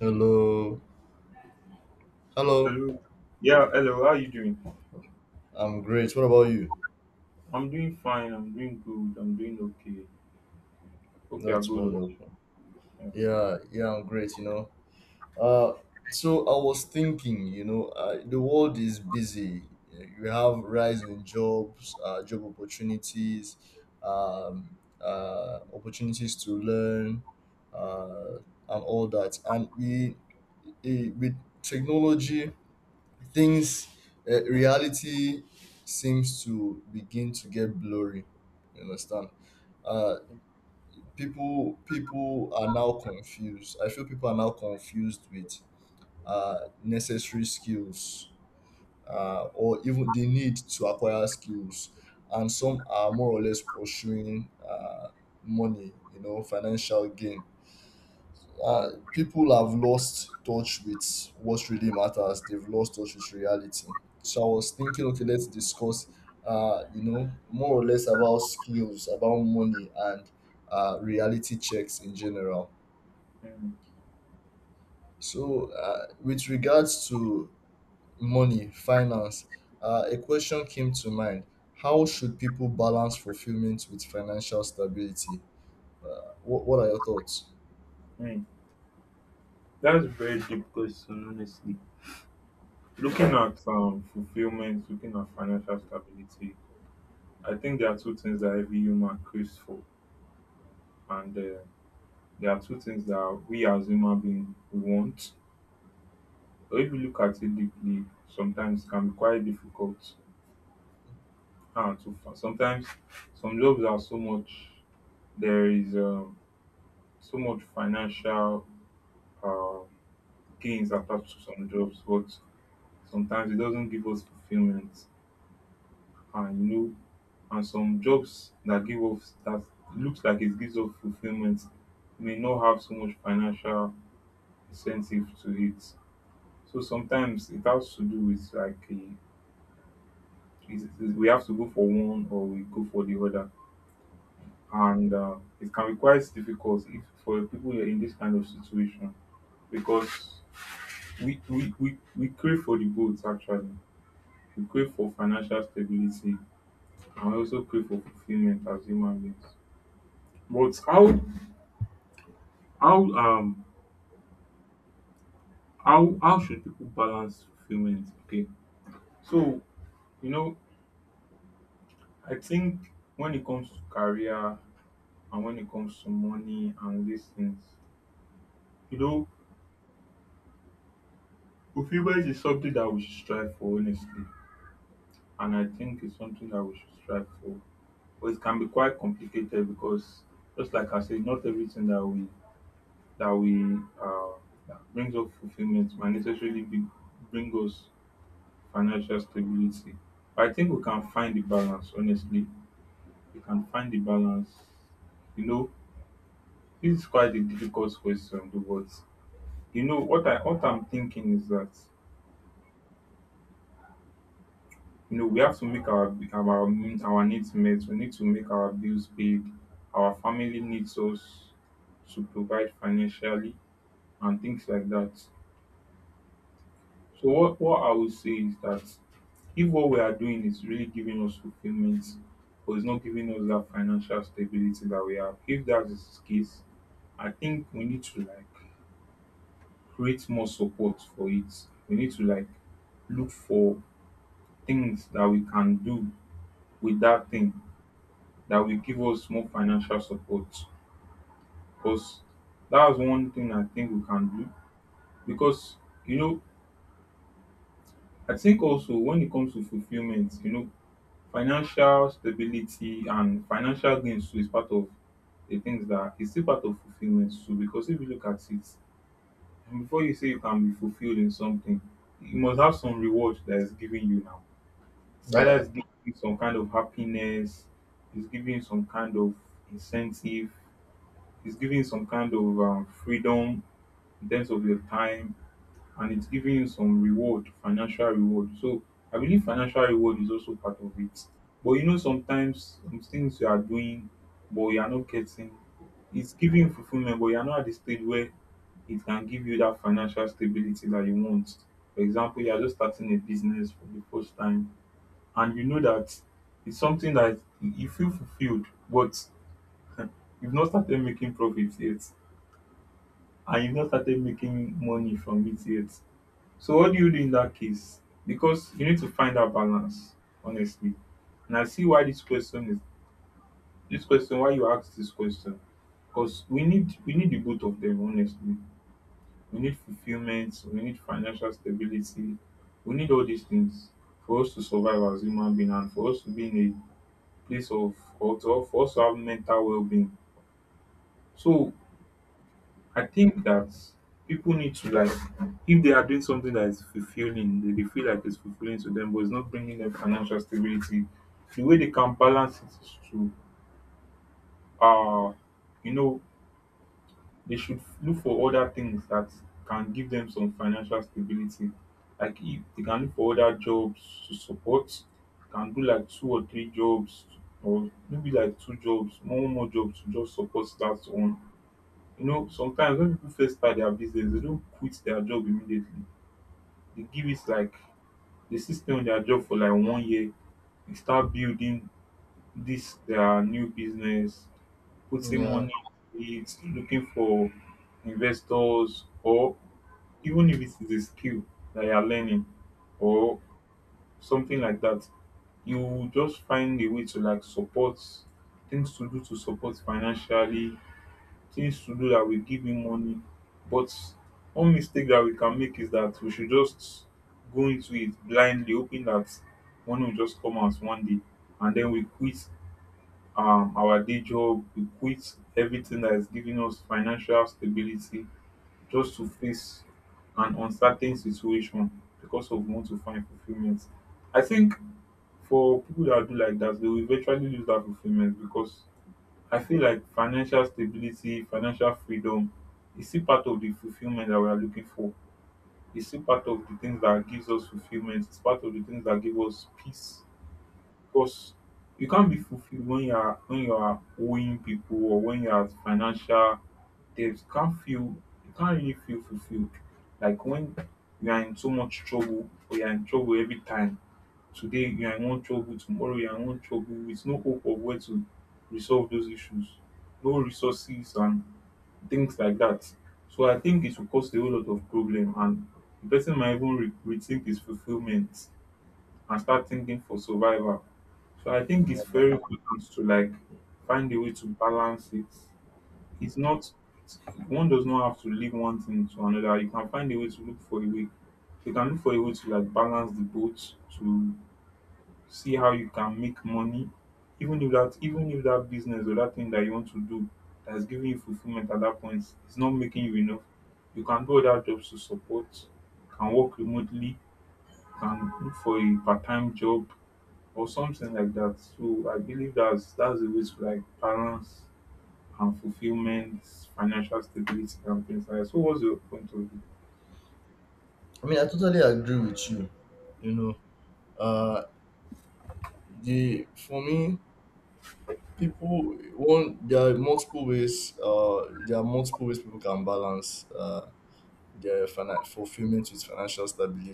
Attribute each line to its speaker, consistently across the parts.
Speaker 1: Hello. Hello.
Speaker 2: Hello. Yeah, hello. How are you doing?
Speaker 1: I'm great. What about you?
Speaker 2: I'm doing fine. I'm doing good. I'm doing okay. Hope you are
Speaker 1: That's
Speaker 2: good also.
Speaker 1: wonderful.
Speaker 2: Yeah.
Speaker 1: Yeah, yeah, I'm great. Uh so I was thinking, the world is busy. You have rise in jobs, job opportunities, um, opportunities to learn, uh, and all that. And we, with technology, things reality seems to begin to get blurry. You understand? Uh people people are now confused. I feel people are now confused with necessary skills, or even the need to acquire skills. And some are more or less pursuing money, financial gain. People have lost touch with what really matters. They've lost touch with reality. So I was thinking, okay, let's discuss, more or less about skills, about money, and reality checks in general.
Speaker 2: Mm,
Speaker 1: So, with regards to money, finance, a question came to mind: How should people balance fulfillment with financial stability? What are your thoughts?
Speaker 2: mm. That's a very deep question, honestly. Looking at fulfillment, looking at financial stability, I think there are two things that every human craves for, and there are two things that we as human beings we want. But if you look at it deeply, sometimes it can be quite difficult. To find. Sometimes some jobs are so much. There is. So much financial uh, gains attached to some jobs, but sometimes it doesn't give us fulfillment. And you know, and some jobs that give us that looks like it gives us fulfillment may not have so much financial incentive to it. So sometimes it has to do with like a, we have to go for one or we go for the other, and it can be quite difficult if for people in this kind of situation because we crave for the both actually. We crave for financial stability and we also crave for fulfillment as human beings. But how um how should people balance fulfillment? Okay. So, you know I think when it comes to career and when it comes to money and these things, you know, fulfillment is something that we should strive for, honestly. And I think it's something that we should strive for. But it can be quite complicated because, just like I said, not everything that we that we uh, that brings us fulfillment might necessarily be, bring us financial stability. But I think we can find the balance, honestly. We can find the balance. You know, this is quite a difficult question, though, but you know what I'm thinking is that, you know, we have to make our needs met. We need to make our bills paid. Our family needs us to provide financially and things like that. So what I would say is that if what we are doing is really giving us fulfillment, but it's not giving us that financial stability that we have, if that is the case, I think we need to, like, create more support for it. We need to, like, look for things that we can do with that thing that will give us more financial support. Because that's one thing I think we can do. Because, you know, I think also when it comes to fulfillment, you know, financial stability and financial gains too is part of the things that is still part of fulfillment too because if you look at it before you say you can be fulfilled in something you must have some reward that is giving you now. It's either
Speaker 1: Yeah,
Speaker 2: it's giving you some kind of happiness, it's giving you some kind of incentive, it's giving you some kind of freedom in terms of your time, and it's giving you some reward, financial reward. So I believe financial reward is also part of it. But, you know, sometimes some things you are doing, but you are not getting, it's giving fulfillment, but you are not at the stage where it can give you that financial stability that you want. For example, you are just starting a business for the first time, and you know that it's something that you feel fulfilled, but you've not started making profits yet, and you've not started making money from it yet. So what do you do in that case? Because you need to find that balance, honestly. And I see why this question is this question, why you ask this question. Because we need the both of them, honestly. We need fulfillment, we need financial stability, we need all these things for us to survive as human beings, and for us to be in a place of or to, for us to have mental well being. So I think that people need to, like, if they are doing something that is fulfilling, they feel like it's fulfilling to them but it's not bringing them financial stability, the way they can balance it is to, uh you know, they should look for other things that can give them some financial stability, like if they can look for other jobs to support, can do like two or three jobs, or maybe like two jobs, one more jobs to just support that one. You know, sometimes when people first start their business, they don't quit their job immediately. They give it like they still stay on their job for like one year. They start building this their new business, putting
Speaker 1: yeah,
Speaker 2: money in it, looking for investors, or even if it is a skill that you are learning or something like that, you will just find a way to, like, support things to do to support financially, things to do that will give him money. But one mistake that we can make is that we should just go into it blindly, hoping that money will just come out one day. And then we quit our day job, we quit everything that is giving us financial stability just to face an uncertain situation because of we want to find fulfillment. I think for people that do like that, they will eventually lose that fulfillment because I feel like financial stability, financial freedom is still part of the fulfillment that we are looking for. It's still part of the things that gives us fulfillment. It's part of the things that give us peace. Because you can't be fulfilled when you are owing people or when you are financial debts. You can't feel, you can't really feel fulfilled. Like when you are in so much trouble or you are in trouble every time. Today you are in one trouble, tomorrow you are in one trouble with no hope of where to resolve those issues, no resources and things like that. So I think it will cause a whole lot of problem and the person might even rethink his fulfillment and start thinking for survival. So I think it's
Speaker 1: yeah.
Speaker 2: very important to, like, find a way to balance it. It's not one does not have to leave one thing to another. You can find a way to look for a way. You can look for a way to, like, balance the boat to see how you can make money, even if that business or that thing that you want to do that's giving you fulfillment at that point is not making you enough. You can do other jobs to support. You can work remotely. You can look for a part-time job or something like that. So I believe that's the way to, like, balance and fulfillment, financial stability, and things like that. So what's your point of view?
Speaker 1: I mean, I totally agree with you. You know, uh, the for me, people one there are multiple ways. There are multiple ways people can balance their fulfillment with financial stability.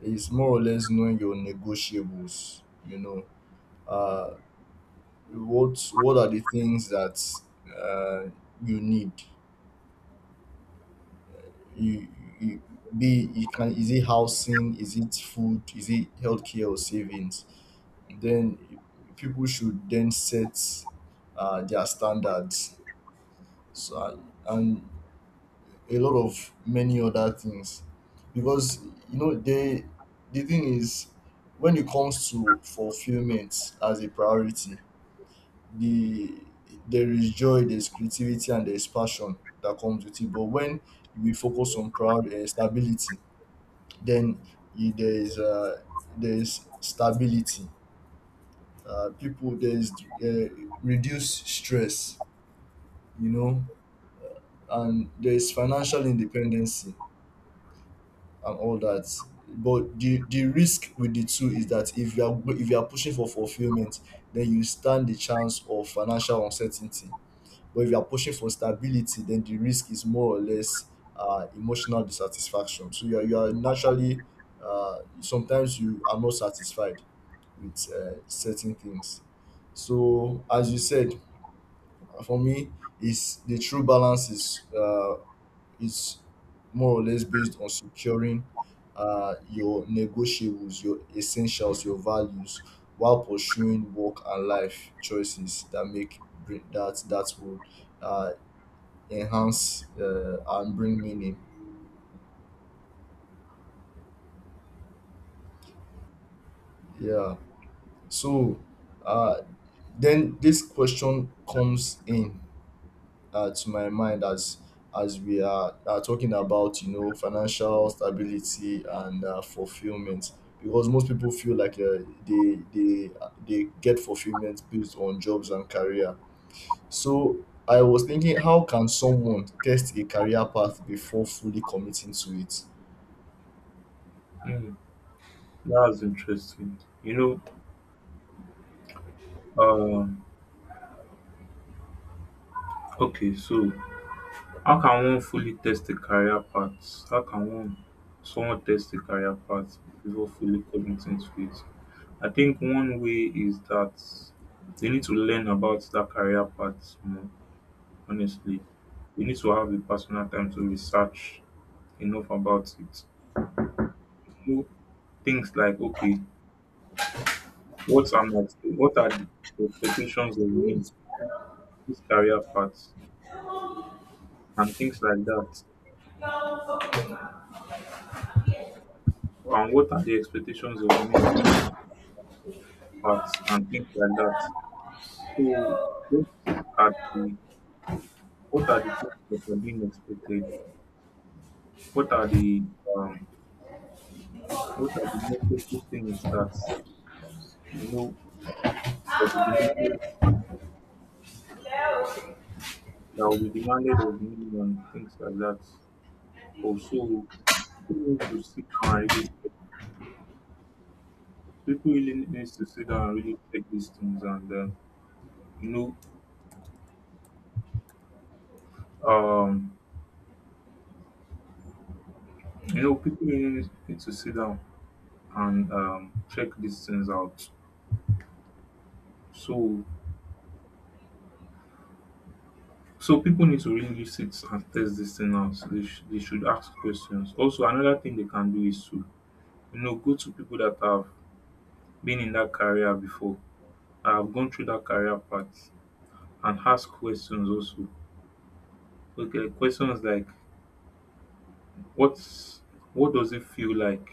Speaker 1: It's more or less knowing your negotiables. You know, uh, what are the things that uh you need? You, you be you can Is it housing? Is it food? Is it healthcare or savings? Then people should then set their standards, so, and a lot of many other things, because you know the thing is, when it comes to fulfillment as a priority, the there is joy, there's creativity, and there's passion that comes with it. But when we focus on proud stability, then there is, stability, people, there's uh, reduce stress, you know, and there's financial independency and all that. But the risk with the two is that, if you are, if you are pushing for fulfillment, then you stand the chance of financial uncertainty. But if you are pushing for stability, then the risk is more or less emotional dissatisfaction. So you are naturally sometimes you are not satisfied with certain things. So as you said, for me, is the true balance is is more or less based on securing your negotiables, your essentials, your values, while pursuing work and life choices that make bring that would uh, enhance and bring meaning. Yeah. So, uh, then this question comes in to my mind as we are talking about, you know, financial stability and fulfillment, because most people feel like they get fulfillment based on jobs and career. So I was thinking, how can someone test a career path before fully committing to it?
Speaker 2: Mm, that's interesting. You know, okay, so how can one fully test the career path? How can one, someone test the career path before fully committing to it? I think one way is that they need to learn about that career path more. Honestly. You need to have the personal time to research enough about it. Know things like, okay, what am I, what are the expectations of me, this career path, and things like that. And what are the expectations of me, paths, and things like that. So, what are the, what are the things that are being expected? What are the, um, what are the necessary things that, you know, that will be needed, that will be demanded of me and things like that. Also, people need to sit down and really check. People really needs to sit down and really check these things, and you know, um, you know, people really need to sit down and, check these things out. So, so people need to really sit and test this thing out. So they, they should ask questions. Also, another thing they can do is to, you know, go to people that have been in that career before, that have gone through that career path, and ask questions also. Okay, questions like what's, what does it feel like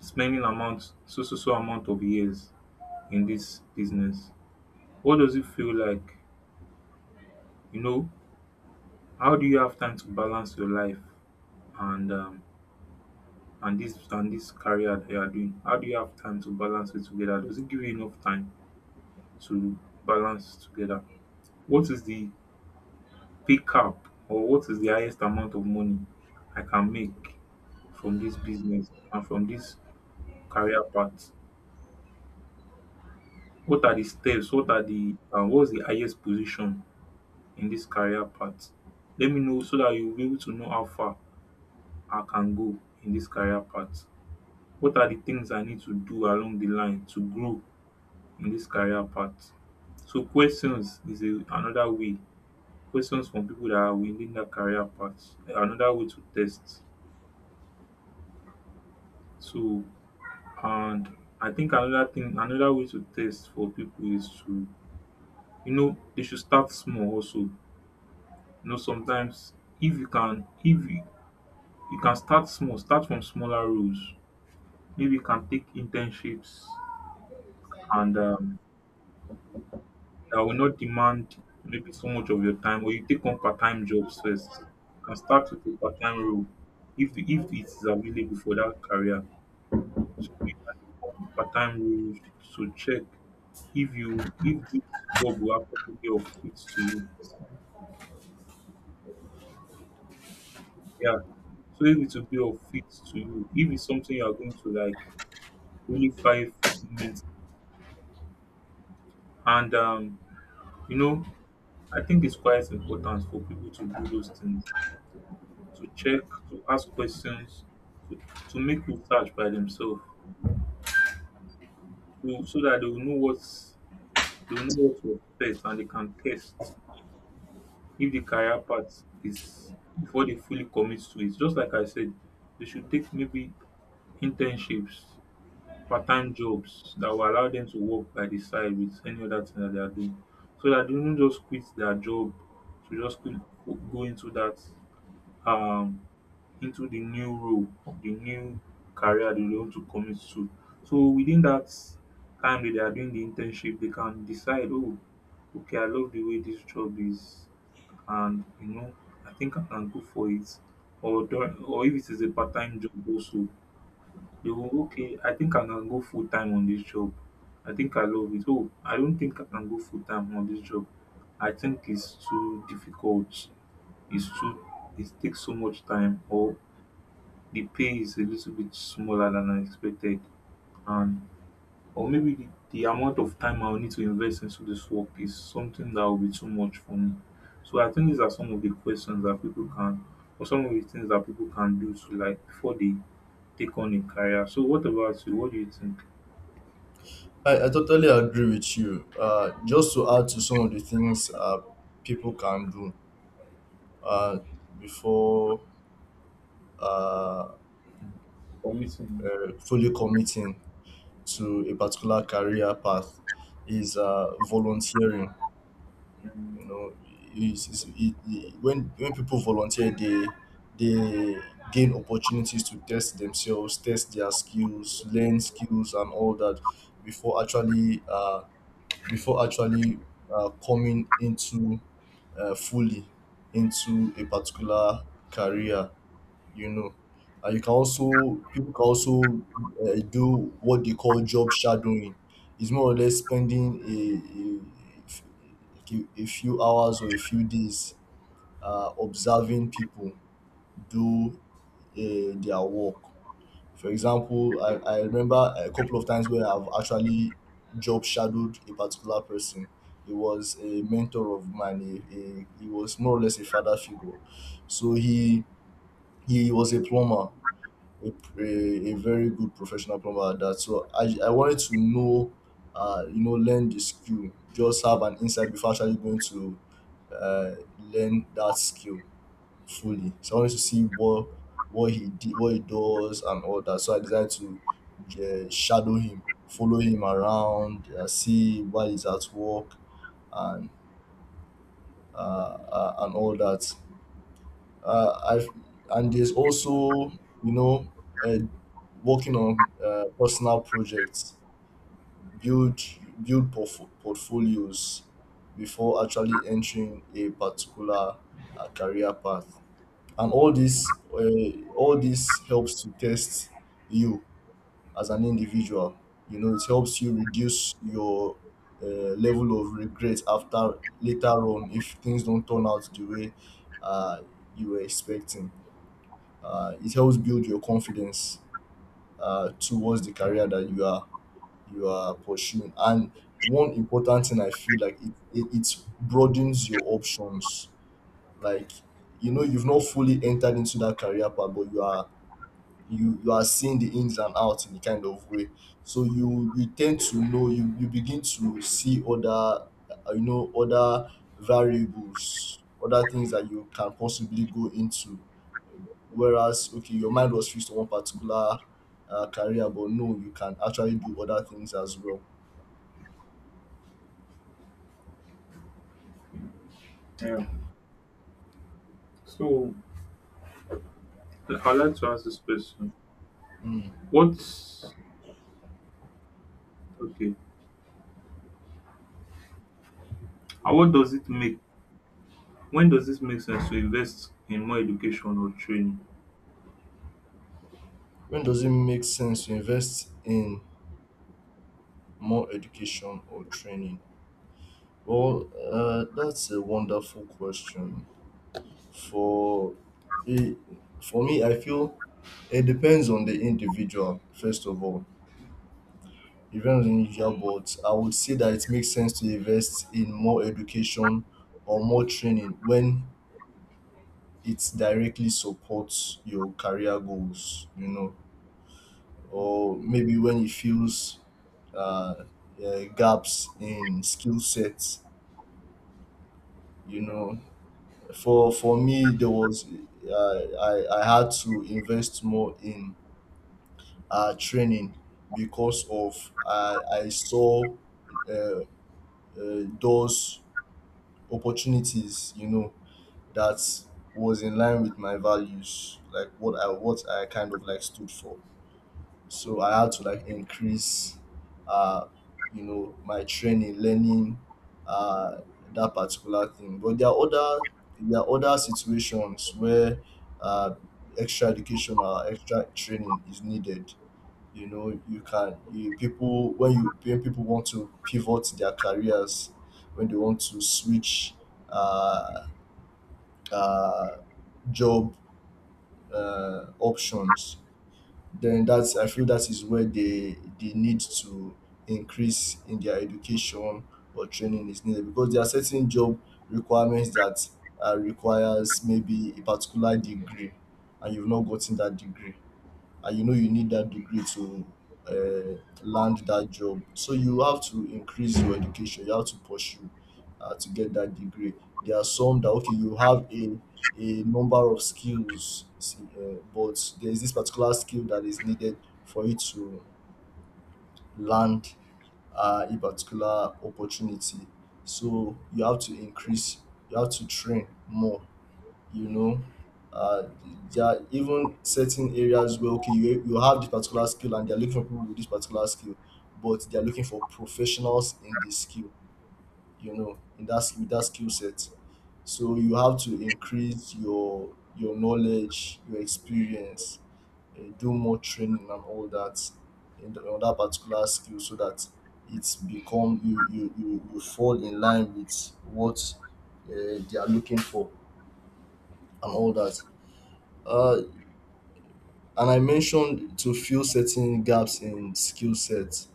Speaker 2: spending amount so so so amount of years in this business? What does it feel like? You know, how do you have time to balance your life and, and this career that you are doing? How do you have time to balance it together? Does it give you enough time to balance together? What is the pick up or what is the highest amount of money I can make from this business and from this career path? What are the steps? What are the, what's the highest position in this career path? Let me know so that you'll be able to know how far I can go in this career path. What are the things I need to do along the line to grow in this career path? So questions is another way. Questions from people that are within that career path. Another way to test. So and I think another thing, another way to test for people is to they should start small also. You know, sometimes if you can if you, you can start small, start from smaller roles. Maybe you can take internships, and that will not demand maybe so much of your time, or you take on part-time jobs first. You can start with a part-time role if it is available for that career. So you can take on part-time roles to check if this job will actually be of fit to you, yeah. So if it will be of fit to you, if it's something you are going to like, unify fulfillment. And um, you know I think it's quite important for people to do those things: to check, to ask questions, to, to make research by themselves, so that they will know what's they will know what to expect, and they can test if the career path is, before they fully commit to it. Just like I said, they should take maybe internships, part-time jobs that will allow them to work by the side with any other thing that they are doing. So that they do not just quit their job, to just quit, go into that um into the new role, or the new career they want to commit to. So within that time that they are doing the internship, they can decide, oh, okay, I love the way this job is, and I think I can go for it. Or if it is a part-time job also, you okay, I think I can go full time on this job. I think I love it. Oh, I don't think I can go full time on this job. I think it's too difficult. It's too it takes so much time, or the pay is a little bit smaller than I expected. And or maybe the amount of time I'll need to invest into this work is something that will be too much for me. So I think these are some of the questions that people can, or some of the things that people can do to, like, before they take on a career. So what about you? What do you think?
Speaker 1: I totally agree with you. Just to add to some of the things people can do, uh, before, uh,
Speaker 2: Committing.
Speaker 1: fully committing to a particular career path, is volunteering.
Speaker 2: Um,
Speaker 1: You know, when people volunteer, they they gain opportunities to test themselves, test their skills, learn skills, and all that before actually, before actually coming into, fully into a particular career. You know, and you can also, people can also do what they call job shadowing. It's more or less spending a, a few hours or a few days observing people do their work. For example, I remember a couple of times where I've actually job shadowed a particular person. He was a mentor of mine. He was more or less a father figure. So he was a plumber, a, a very good professional plumber at that. So I wanted to know, you know, learn the skill, just have an insight before actually going to learn that skill fully. So I wanted to see what he did, what he does, and all that. So I decided to shadow him, follow him around, see while he's at work, and and all that. I've And there's also, you know, uh, working on personal projects, build build portfolios before actually entering a particular career path, and all this helps to test you as an individual. You know, it helps you reduce your uh, level of regret after, later on, if things don't turn out the way uh, you were expecting. It helps build your confidence towards the career that you are, you are pursuing. And one important thing I feel like, it broadens your options. Like, you know, you've not fully entered into that career path, but you are, you are seeing the ins and outs in a kind of way. So you tend to know, you begin to see other, you know, other variables, other things that you can possibly go into. Whereas okay, your mind was fixed to one particular career, but no, you can actually do other things as well.
Speaker 2: yeah. So I'd like to ask this question.
Speaker 1: Mm.
Speaker 2: What's okay? And what does it make? When does it make sense to invest in more education or training?
Speaker 1: When does it make sense to invest in more education or training? Well, that's a wonderful question. For it, for me I feel it depends on the individual. First of all, it depends on the individual. But I would say that it makes sense to invest in more education or more training when it directly supports your career goals, you know, or maybe when it fills uh, gaps in skill sets, you know. For me, there was, I had to invest more in training, because of I saw uh, those opportunities, you know, that was in line with my values, like what I, what I kind of like stood for. So I had to like increase, uh you know, my training, learning, uh that particular thing. But there are other, there are other situations where uh extra education or extra training is needed. You know, you can, you, people when you, when people want to pivot their careers, when they want to switch uh uh job options, then that's, I feel, that is where they need to increase in their education, or training is needed, because there are certain job requirements that requires maybe a particular degree, and you've not gotten that degree, and you know you need that degree to land that job. So you have to increase your education, you have to pursue, to get that degree. There are some that okay, you have a number of skills, see, but there is this particular skill that is needed for you to land a particular opportunity. So you have to increase, you have to train more, you know uh, there are even certain areas where, okay, you have this particular skill and they're looking for people with this particular skill, but they're looking for professionals in this skill, you know, in that with that skill set. So you have to increase your knowledge, your experience, do more training and all that, in the, on that particular skill, so that it's become you, you, you, you fall in line with what they are looking for, and all that uh, and I mentioned to fill certain gaps in skill sets.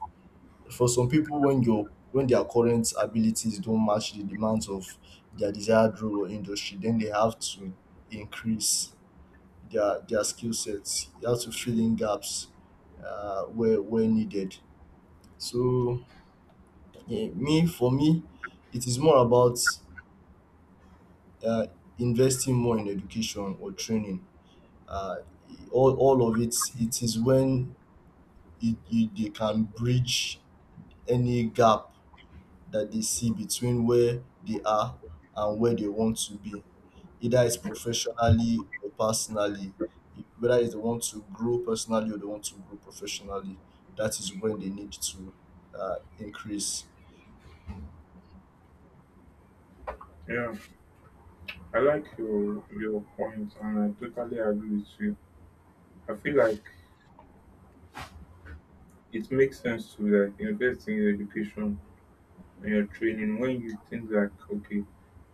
Speaker 1: For some people, when your, when their current abilities don't match the demands of their desired role or industry, then they have to increase their skill sets. You have to fill in gaps where needed. So yeah, me for me, it is more about uh, investing more in education or training. Uh, all of it, it is when they can bridge any gap that they see between where they are and where they want to be, either it's professionally or personally. Whether it's they want to grow personally or they want to grow professionally, that is when they need to increase.
Speaker 2: Yeah, I like your point, and I totally agree with you. I feel like it makes sense to, like, invest in your education and your training when you think, like, okay,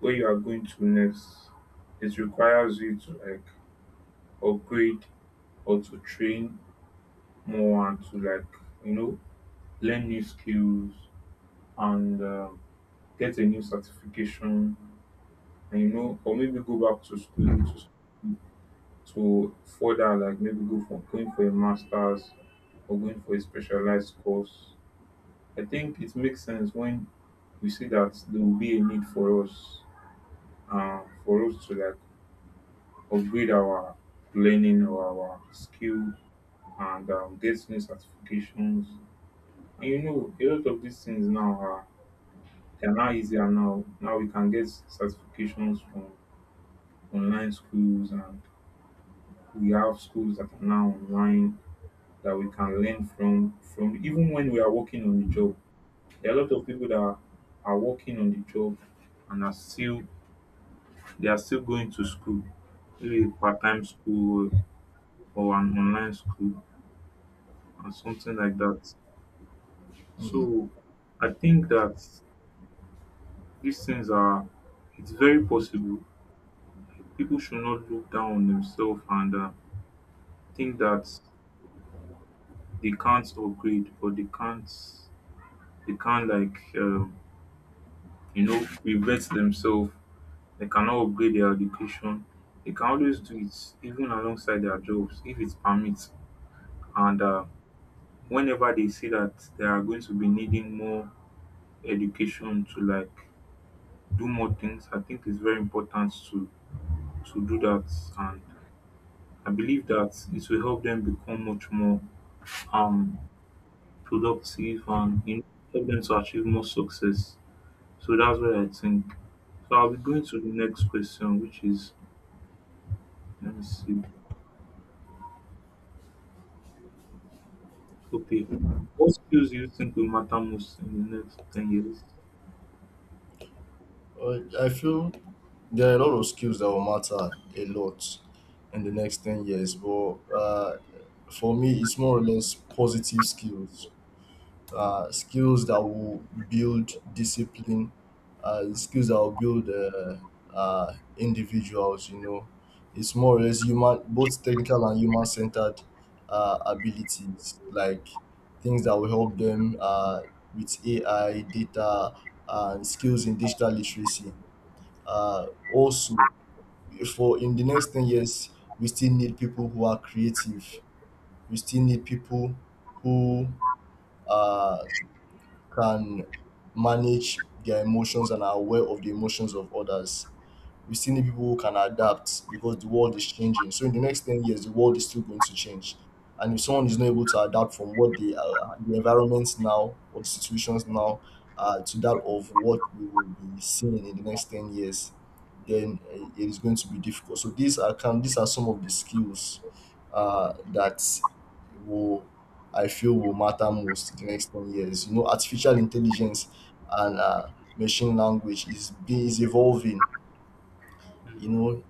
Speaker 2: where you are going to next, it requires you to, like, upgrade or to train more and to, like, you know learn new skills, and get a new certification, and, you know, or maybe go back to school to further, like, maybe go for, going for a master's, or going for a specialized course. I think it makes sense when we see that there will be a need for us, for us to, like, upgrade our learning or our skill, and get new certifications. And, you know, a lot of these things now are, they are now easier now. Now we can get certifications from online schools, and we have schools that are now online that we can learn from. From even when we are working on the job, there are a lot of people are working on the job and are still, they are still going to school, maybe part time school or an online school and something like that.
Speaker 1: Mm.
Speaker 2: So I think that these things are, it's very possible. People should not look down on themselves, and think that they can't upgrade, or they can't, they can't, revert themselves. They cannot upgrade their education. They can always do it even alongside their jobs if it permits. And whenever they see that they are going to be needing more education to, like, do more things, I think it's very important to do that. And I believe that it will help them become much more um productive and, you know, help them to achieve more success. So that's what I think. So I'll be going to the next question, which is, let me see. Okay. What skills do you think will matter most in the next 10 years?
Speaker 1: I feel there are a lot of skills that will matter a lot in the next 10 years, but for me it's more or less positive skills, skills that will build discipline, skills that will build individuals. You know, it's more or less human, both technical and human centered abilities, like things that will help them with AI, data, and skills in digital literacy. Also, for in the next 10 years, we still need people who are creative. We still need people who uh, can manage their emotions and are aware of the emotions of others. We still need people who can adapt because the world is changing. So in the next 10 years, the world is still going to change. And if someone is not able to adapt from what the environments now or the situations now, to that of what we will be seeing in the next 10 years, then it is going to be difficult. So these are, can, these are some of the skills that will, I feel will matter most in the next 10 years. You know, artificial intelligence and machine language is, is evolving. You know,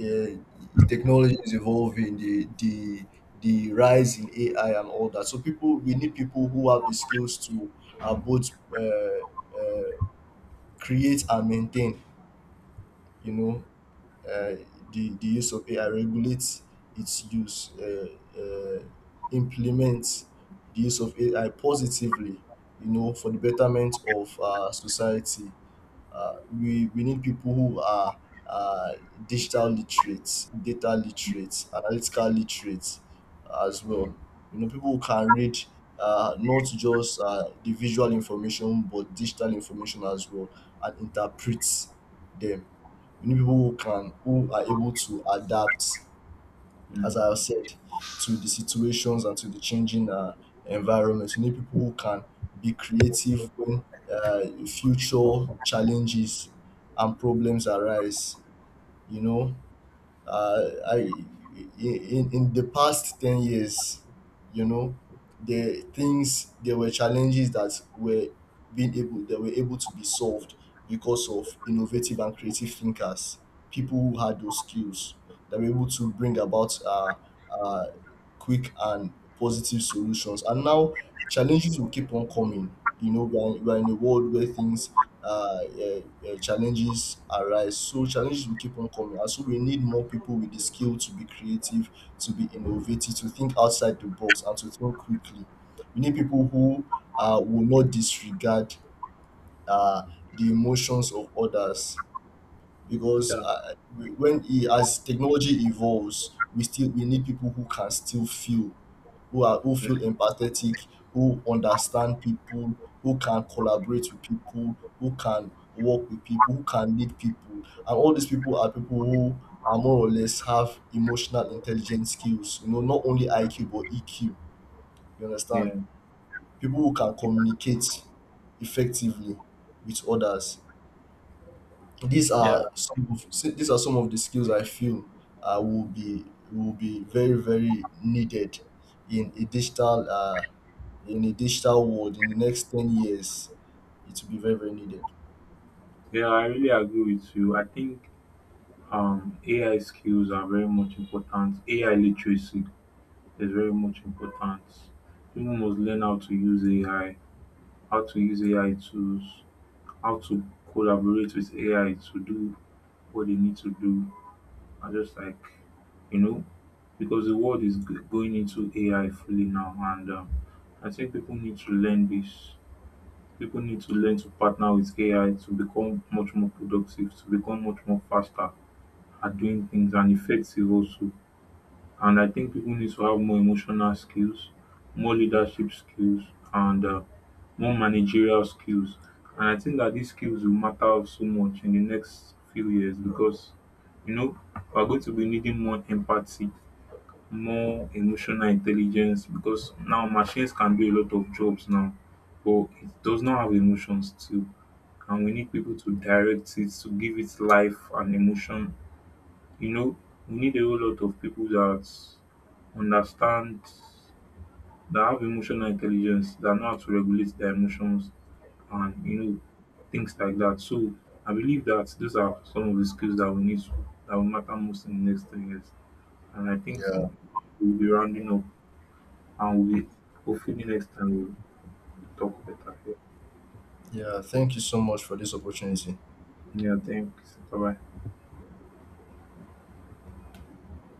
Speaker 1: technology is evolving, the the rise in AI and all that. So people, we need people who have the skills to, both uh, create and maintain, you know, uh, the use of AI, regulate its use, implement the use of AI positively, you know, for the betterment of society. We need people who are uh, digital literates, data literates, analytical literates as well. You know, people who can read, not just the visual information but digital information as well, and interpret them. You need people who can, who are able to adapt, as
Speaker 2: Mm.
Speaker 1: I have said, to the situations and to the changing environment. You need people who can be creative when future challenges and problems arise. You know, uh, I, in the past 10 years, you know, the things, there were challenges that were being able that were able to be solved because of innovative and creative thinkers, people who had those skills, that were able to bring about uh, quick and positive solutions. And now challenges will keep on coming. You know, we are in a world where things challenges arise. So challenges will keep on coming, and so we need more people with the skill to be creative, to be innovative, to think outside the box, and to think quickly. We need people who will not disregard uh, the emotions of others, because
Speaker 2: Yeah.
Speaker 1: when he as technology evolves, we still we need people who can still feel, who are who feel empathetic, who understand people, who can collaborate with people, who can work with people, who can lead people, and all these people are people who are more or less have emotional intelligence skills. You know, not only IQ but EQ. You understand?
Speaker 2: Yeah.
Speaker 1: People who can communicate effectively with others. These
Speaker 2: Yeah.
Speaker 1: are some of, these are some of the skills I feel will be, will be very very needed in a digital, in a digital world in the next 10 years. It will be very very needed.
Speaker 2: Yeah, I really agree with you. I think AI skills are very much important. AI literacy is very much important. People must learn how to use AI, how to use AI tools, how to collaborate with AI to do what they need to do. I just like, you know, because the world is g- going into AI fully now, and I think people need to learn this. People need to learn to partner with AI to become much more productive, to become much more faster at doing things and effective also. And I think people need to have more emotional skills, more leadership skills, and more managerial skills. And I think that these skills will matter so much in the next few years because, you know, we're going to be needing more empathy, more emotional intelligence, because now machines can do a lot of jobs now, but it does not have emotions too. And we need people to direct it, to give it life and emotion. You know, we need a whole lot of people that understand, that have emotional intelligence, that know how to regulate their emotions and, you know, things like that. So I believe that those are some of the skills that we need to, that will matter most in the next 3 years. And I think
Speaker 1: Yeah.
Speaker 2: from, we'll be rounding up, and we, hopefully next time we'll talk better.
Speaker 1: Yeah. Thank you so much for this opportunity.
Speaker 2: Yeah, thanks. Bye bye.